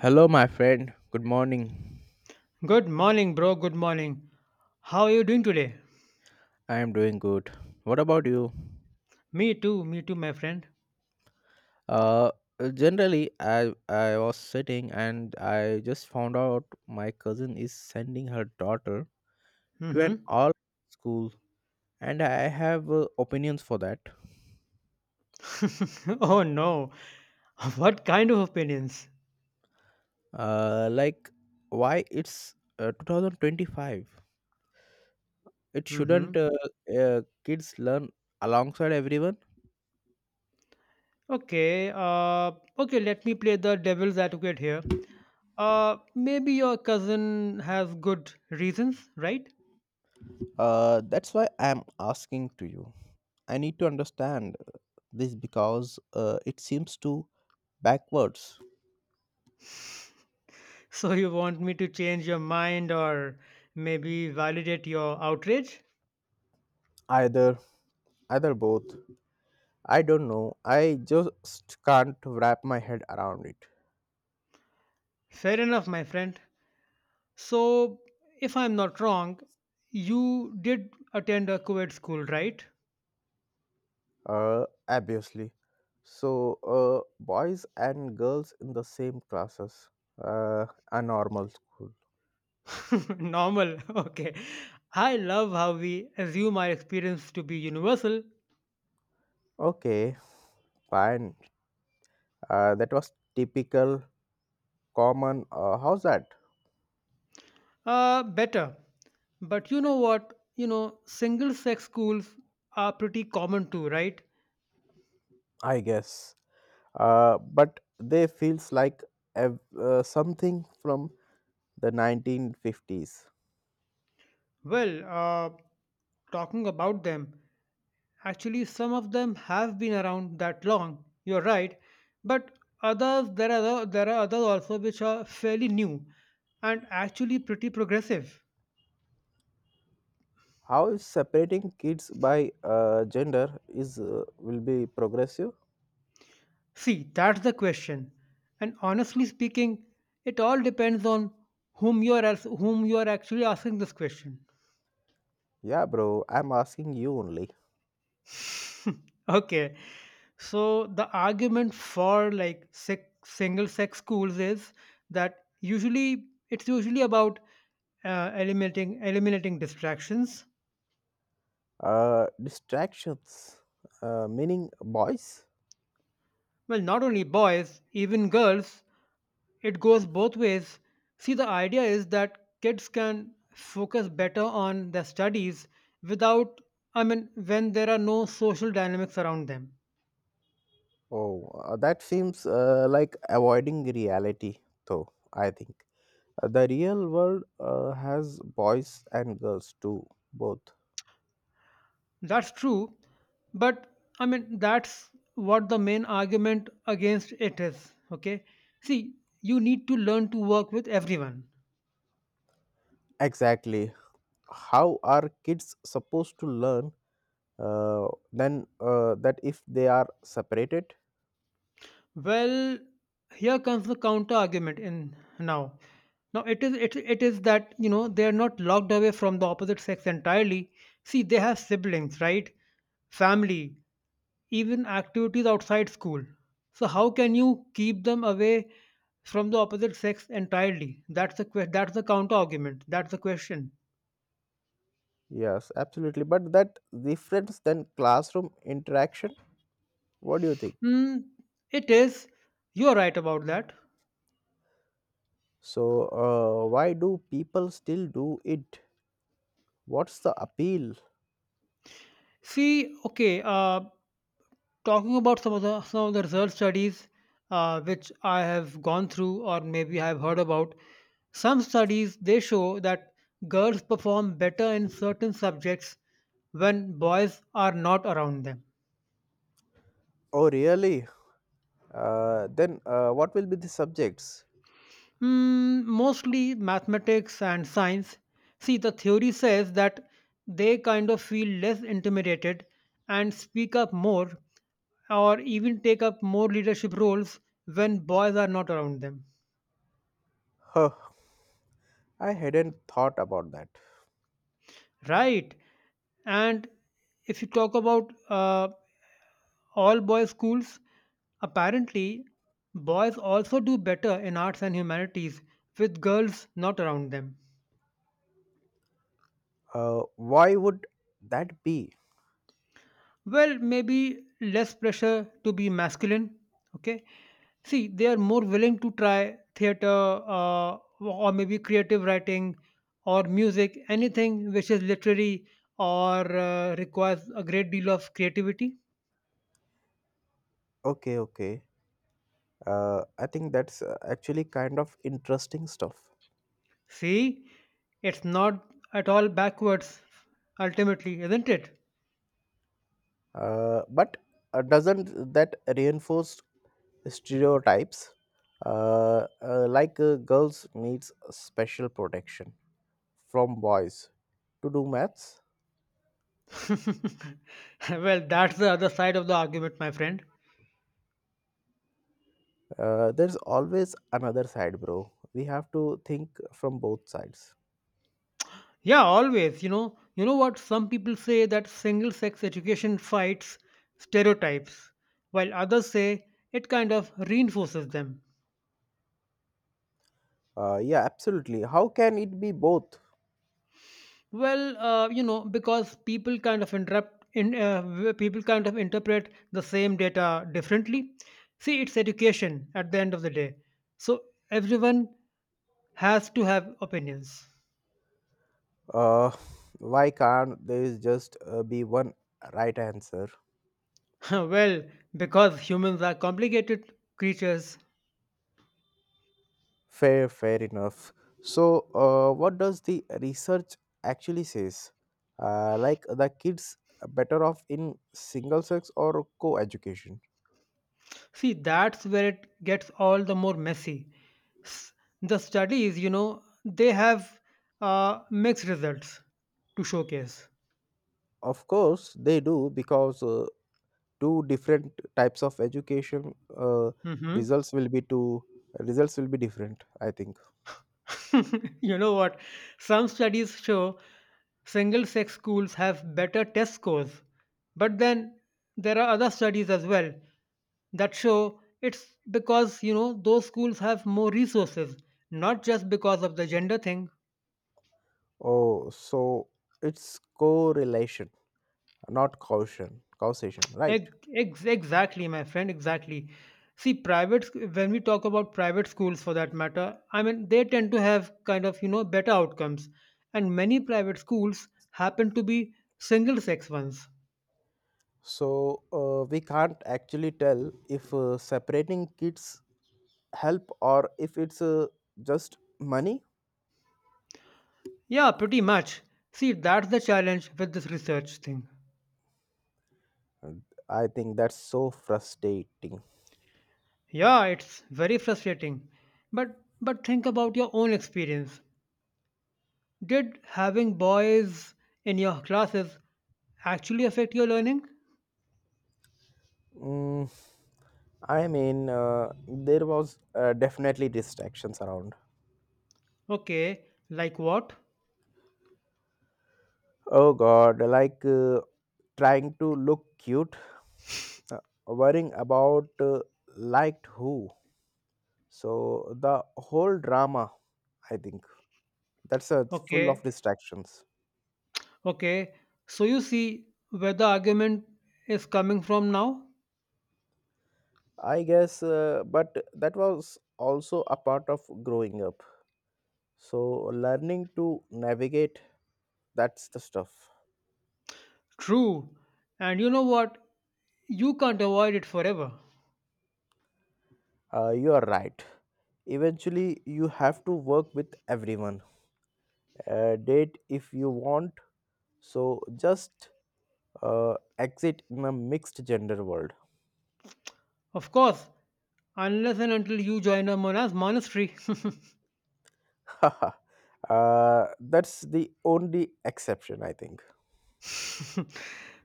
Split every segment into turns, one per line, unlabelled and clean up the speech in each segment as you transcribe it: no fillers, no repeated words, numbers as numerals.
Hello, my friend. Good morning.
Good morning, bro. Good morning. How are you doing today?
I am doing good. What about you?
Me too. Me too, my friend.
Uh, generally, I was sitting and I just found out my cousin is sending her daughter to an
Mm-hmm.
all school, and I have opinions for that.
Oh no. What kind of opinions?
Like why it's 2025. It
Mm-hmm.
shouldn't kids learn alongside everyone.
Okay. Okay. Let me play the devil's advocate here. Maybe your cousin has good reasons, right?
That's why I'm asking to you. I need to understand this because it seems to backwards.
So you want me to change your mind or maybe validate your outrage?
Either, either both. I don't know. I just can't wrap my head around it.
Fair enough, my friend. So, if I'm not wrong, you did attend a co ed school, right?
Obviously. So, boys and girls in the same classes. Uh, a normal school.
Normal, okay. I love how we assume our experience to be universal.
Okay, fine. That was typical, common. How's that?
Better. But you know what? You know, single sex schools are pretty common too, right?
I guess. But they feels like something from the 1950s.
Well, talking about them. Actually, some of them have been around that long. You're right, but others there are other, there are others also which are fairly new and actually pretty progressive.
How is separating kids by gender is will be progressive.
See, that's the question. And honestly speaking, it all depends on whom you are actually asking this question.
Yeah, bro, I'm asking you only.
Okay, so the argument for like single sex schools is that usually it's usually about eliminating distractions.
Distractions, meaning boys.
Well, not only boys, even girls, it goes both ways. See, the idea is that kids can focus better on their studies without, I mean, when there are no social dynamics around them.
Oh, that seems like avoiding reality, though, I think. The real world has boys and girls too, both.
That's true, but I mean, that's what the main argument against it is. Okay. See, you need to learn to work with everyone.
Exactly, how are kids supposed to learn, uh, then, that if they are separated?
Well, here comes the counter argument in now. Now it is that you know they are not locked away from the opposite sex entirely. See, they have siblings, right? Family, even activities outside school. So how can you keep them away from the opposite sex entirely? That's the counter argument. That's the question.
Yes, absolutely. But that difference than classroom interaction, what do you think?
Hmm, it is. You are right about that.
So, why do people still do it? What's the appeal?
See, okay. Talking about some of the research studies which I have gone through or maybe I've heard about, some studies they show that girls perform better in certain subjects when boys are not around them.
Oh, really? Then, what will be the subjects?
Mostly mathematics and science. See, the theory says that they kind of feel less intimidated and speak up more or even take up more leadership roles when boys are not around them.
Huh, I hadn't thought about that.
Right. And if you talk about all boys schools, apparently boys also do better in arts and humanities with girls not around them.
Why would that be?
Well, maybe less pressure to be masculine. Okay. See, they are more willing to try theater or maybe creative writing or music, anything which is literary or requires a great deal of creativity.
Okay, okay. I think that's actually kind of interesting stuff.
See, it's not at all backwards, ultimately, isn't it?
But doesn't that reinforce stereotypes, like girls needs special protection from boys to do maths?
Well, that's the other side of the argument, my friend.
There's always another side, bro, we have to think from both sides.
Yeah, always. You know what? Some people say that single sex education fights stereotypes, while others say it kind of reinforces them.
Yeah, absolutely, how can it be both?
Well, you know, because people kind of people kind of interpret the same data differently. See, it's education at the end of the day. So everyone has to have opinions.
Uh, why can't there is just be one right answer?
Well, because humans are complicated creatures.
Fair, fair enough. So, what does the research actually says? Like the kids better off in single sex or co-education?
See, that's where it gets all the more messy. S- The studies, you know, they have mixed results to showcase.
Of course, they do because two different types of education,
Hmm.
results will be two, results will be different, I think.
You know what? Some studies show single sex schools have better test scores. But then there are other studies as well that show it's because, you know, those schools have more resources, not just because of the gender thing.
Oh, so it's correlation, not causation. Causation, right?
Exactly, my friend, exactly. See, when we talk about private schools for that matter, I mean, they tend to have kind of, you know, better outcomes. And many private schools happen to be single sex ones.
So we can't actually tell if separating kids help or if it's just money.
Yeah, pretty much. See, that's the challenge with this research thing.
Mm, I think that's so frustrating.
Yeah, it's very frustrating. But think about your own experience. Did having boys in your classes actually affect your learning?
Mm, i mean uh, there was definitely distractions around.
Okay, like what?
Oh god, like trying to look cute, uh, worrying about liked who, so the whole drama, I think that's a it's full of
Okay,
distractions.
okay. So you see where the argument is coming from now?
I guess, but that was also a part of growing up. So, learning to navigate, that's the stuff.
True. And you know what? You can't avoid it forever.
You are right. Eventually, you have to work with everyone. Date if you want. So, just exit in a mixed gender world.
Of course, unless and until you join a monastery.
That's the only exception, I think.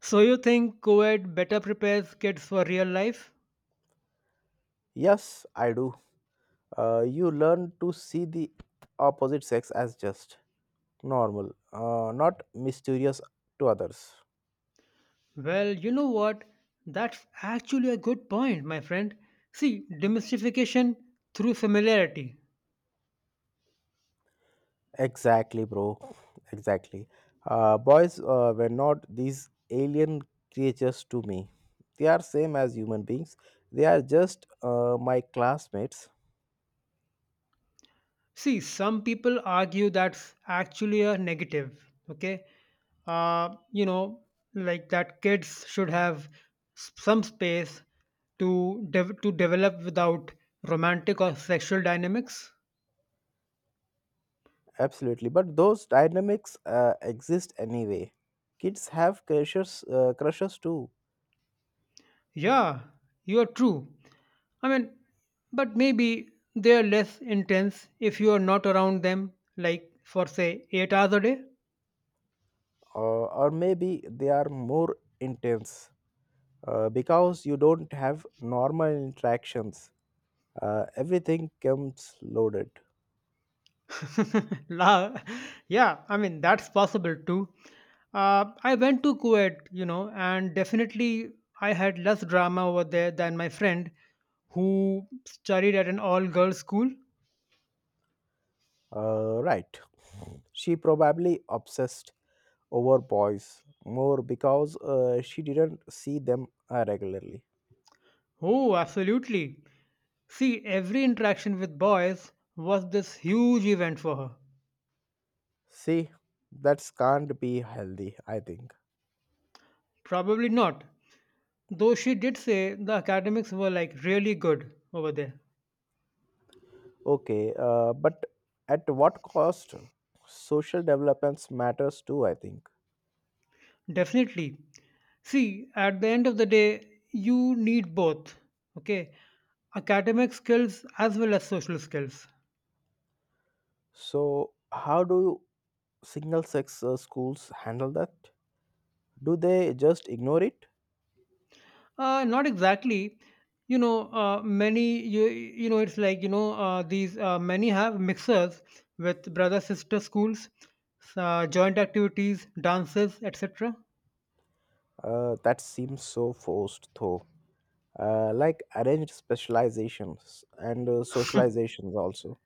So you think COVID better prepares kids for real life?
Yes, I do. You learn to see the opposite sex as just normal, not mysterious to others.
Well, you know what? That's actually a good point, my friend. See, demystification through familiarity.
Exactly, bro. Exactly. Boys were not these alien creatures to me. They are same as human beings. They are just my classmates,
See, some people argue that's actually a negative, okay? You know, like that kids should have some space to develop without romantic or sexual dynamics.
absolutely. But those dynamics exist anyway. Kids have crushes, too,
Yeah, you are true. I mean, but maybe they are less intense if you are not around them, like for say 8 hours a day.
or maybe they are more intense because you don't have normal interactions. Everything comes loaded.
La, yeah, I mean that's possible too. I went to Kuwait, you know, and definitely I had less drama over there than my friend who studied at an all-girls school.
Right. She probably obsessed over boys more because she didn't see them regularly.
Oh, absolutely. See, every interaction with boys was this huge event for her.
See, that can't be healthy, I think.
Probably not. Though she did say the academics were like really good over there.
Okay, but at what cost? Social developments matters too, I think.
Definitely. See, at the end of the day, you need both. Okay. Academic skills as well as social skills.
So, how do single sex schools handle that? Do they just ignore it?
Not exactly. You know, many, you know, it's like, you know, these many have mixers with brother sister schools, joint activities, dances, etc.
That seems so forced, though. Like arranged specializations and socializations also,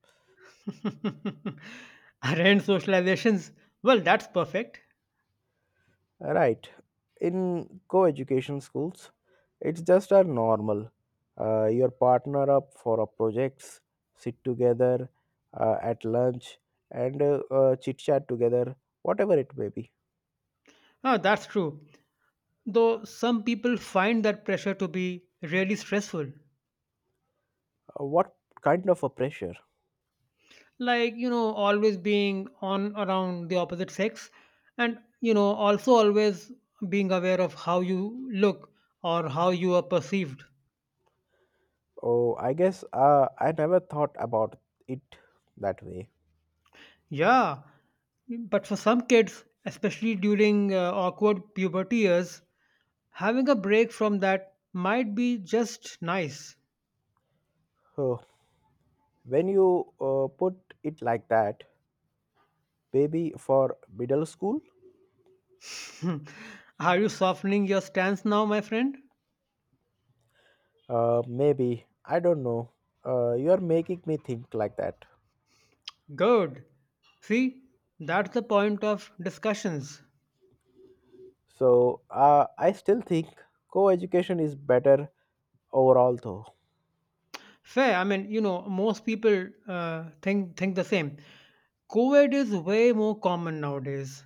Arranged socializations. Well, that's perfect.
right? In co-education schools, it's just a normal, your partner up for a projects, sit together at lunch and chit chat together, whatever it may be.
Ah, that's true. Though some people find that pressure to be really stressful,
What kind of a pressure?
like, always being on around the opposite sex and, also always being aware of how you look or how you are perceived.
Oh, I guess I never thought about it that way.
Yeah, but for some kids, especially during awkward puberty years, having a break from that might be just nice.
So when you put it like that, maybe for middle school.
Are you softening your stance now, my friend?
Maybe I don't know. You are making me think like that.
Good. See, that's the point of discussions.
So I still think co-education is better overall, though.
Fair. I mean, you know, most people think the same. COVID is way more common nowadays.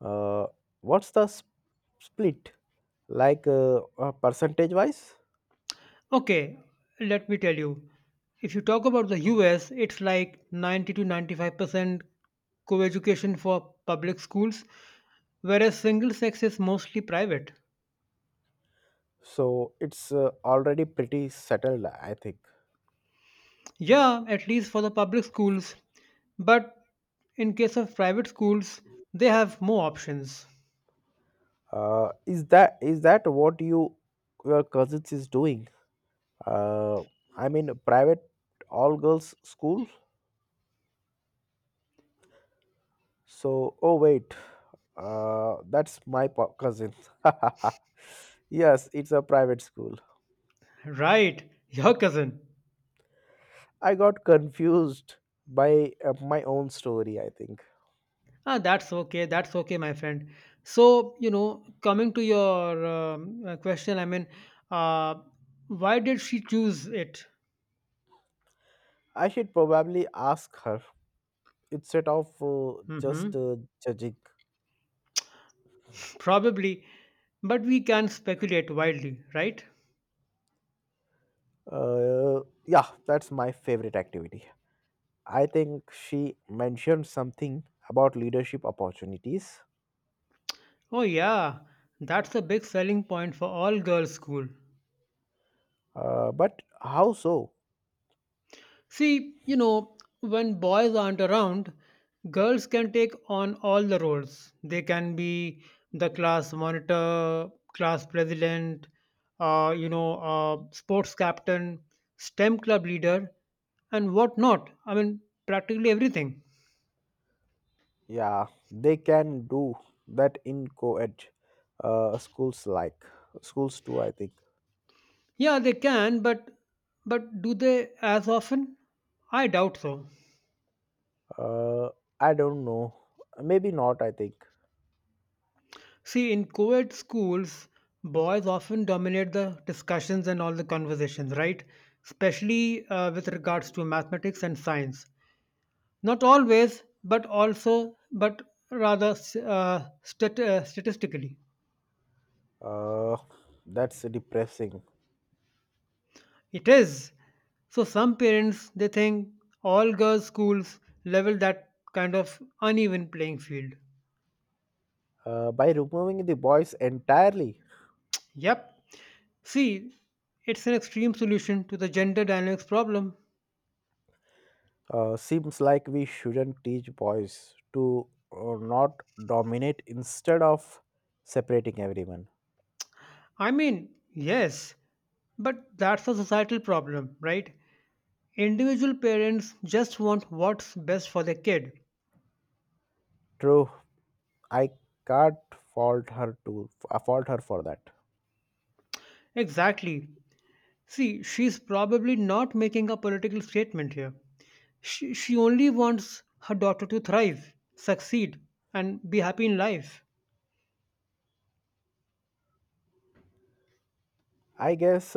Uh, what's the split like, percentage-wise?
Okay, let me tell you. If you talk about the US, it's like 90 to 95% co-education for public schools, whereas single sex is mostly private.
So it's already pretty settled, I think.
Yeah, at least for the public schools. But in case of private schools, they have more options.
Is that what you your cousins is doing? Uh, I mean, private all girls school. So oh wait. That's my cousin. Yes, it's a private school.
Right, your cousin.
I got confused by my own story, I think.
Ah, that's okay. That's okay, my friend. So, you know, coming to your question, I mean, uh, why did she choose it?
I should probably ask her instead of uh, just
Hmm.
uh, judging.
Probably, but we can speculate wildly, right?
Uh, yeah, that's my favorite activity. I think she mentioned something about leadership opportunities.
Oh, yeah, that's a big selling point for all girls' school.
But how so?
See, you know, when boys aren't around, girls can take on all the roles. They can be the class monitor, class president, sports captain, STEM club leader, and whatnot. I mean, practically everything.
Yeah, they can do that in co ed uh, schools like schools too, I think.
Yeah, they can, but do they as often? I doubt so.
Uh, I don't know. Maybe not, I think.
See, in co ed schools, boys often dominate the discussions and all the conversations, right? Especially with regards to mathematics and science. Not always, but also, but rather statistically.
Uh, that's depressing.
It is. So some parents, they think all girls' schools level that kind of uneven playing field.
By removing the boys entirely,
Yep. See, it's an extreme solution to the gender dynamics problem.
seems like we shouldn't teach boys to not dominate instead of separating everyone.
I mean, yes, but that's a societal problem, right? Individual parents just want what's best for their kid.
True, I can't fault her to fault her for that.
Exactly. See, she's probably not making a political statement here. She only wants her daughter to thrive, succeed, and be happy in life.
I guess.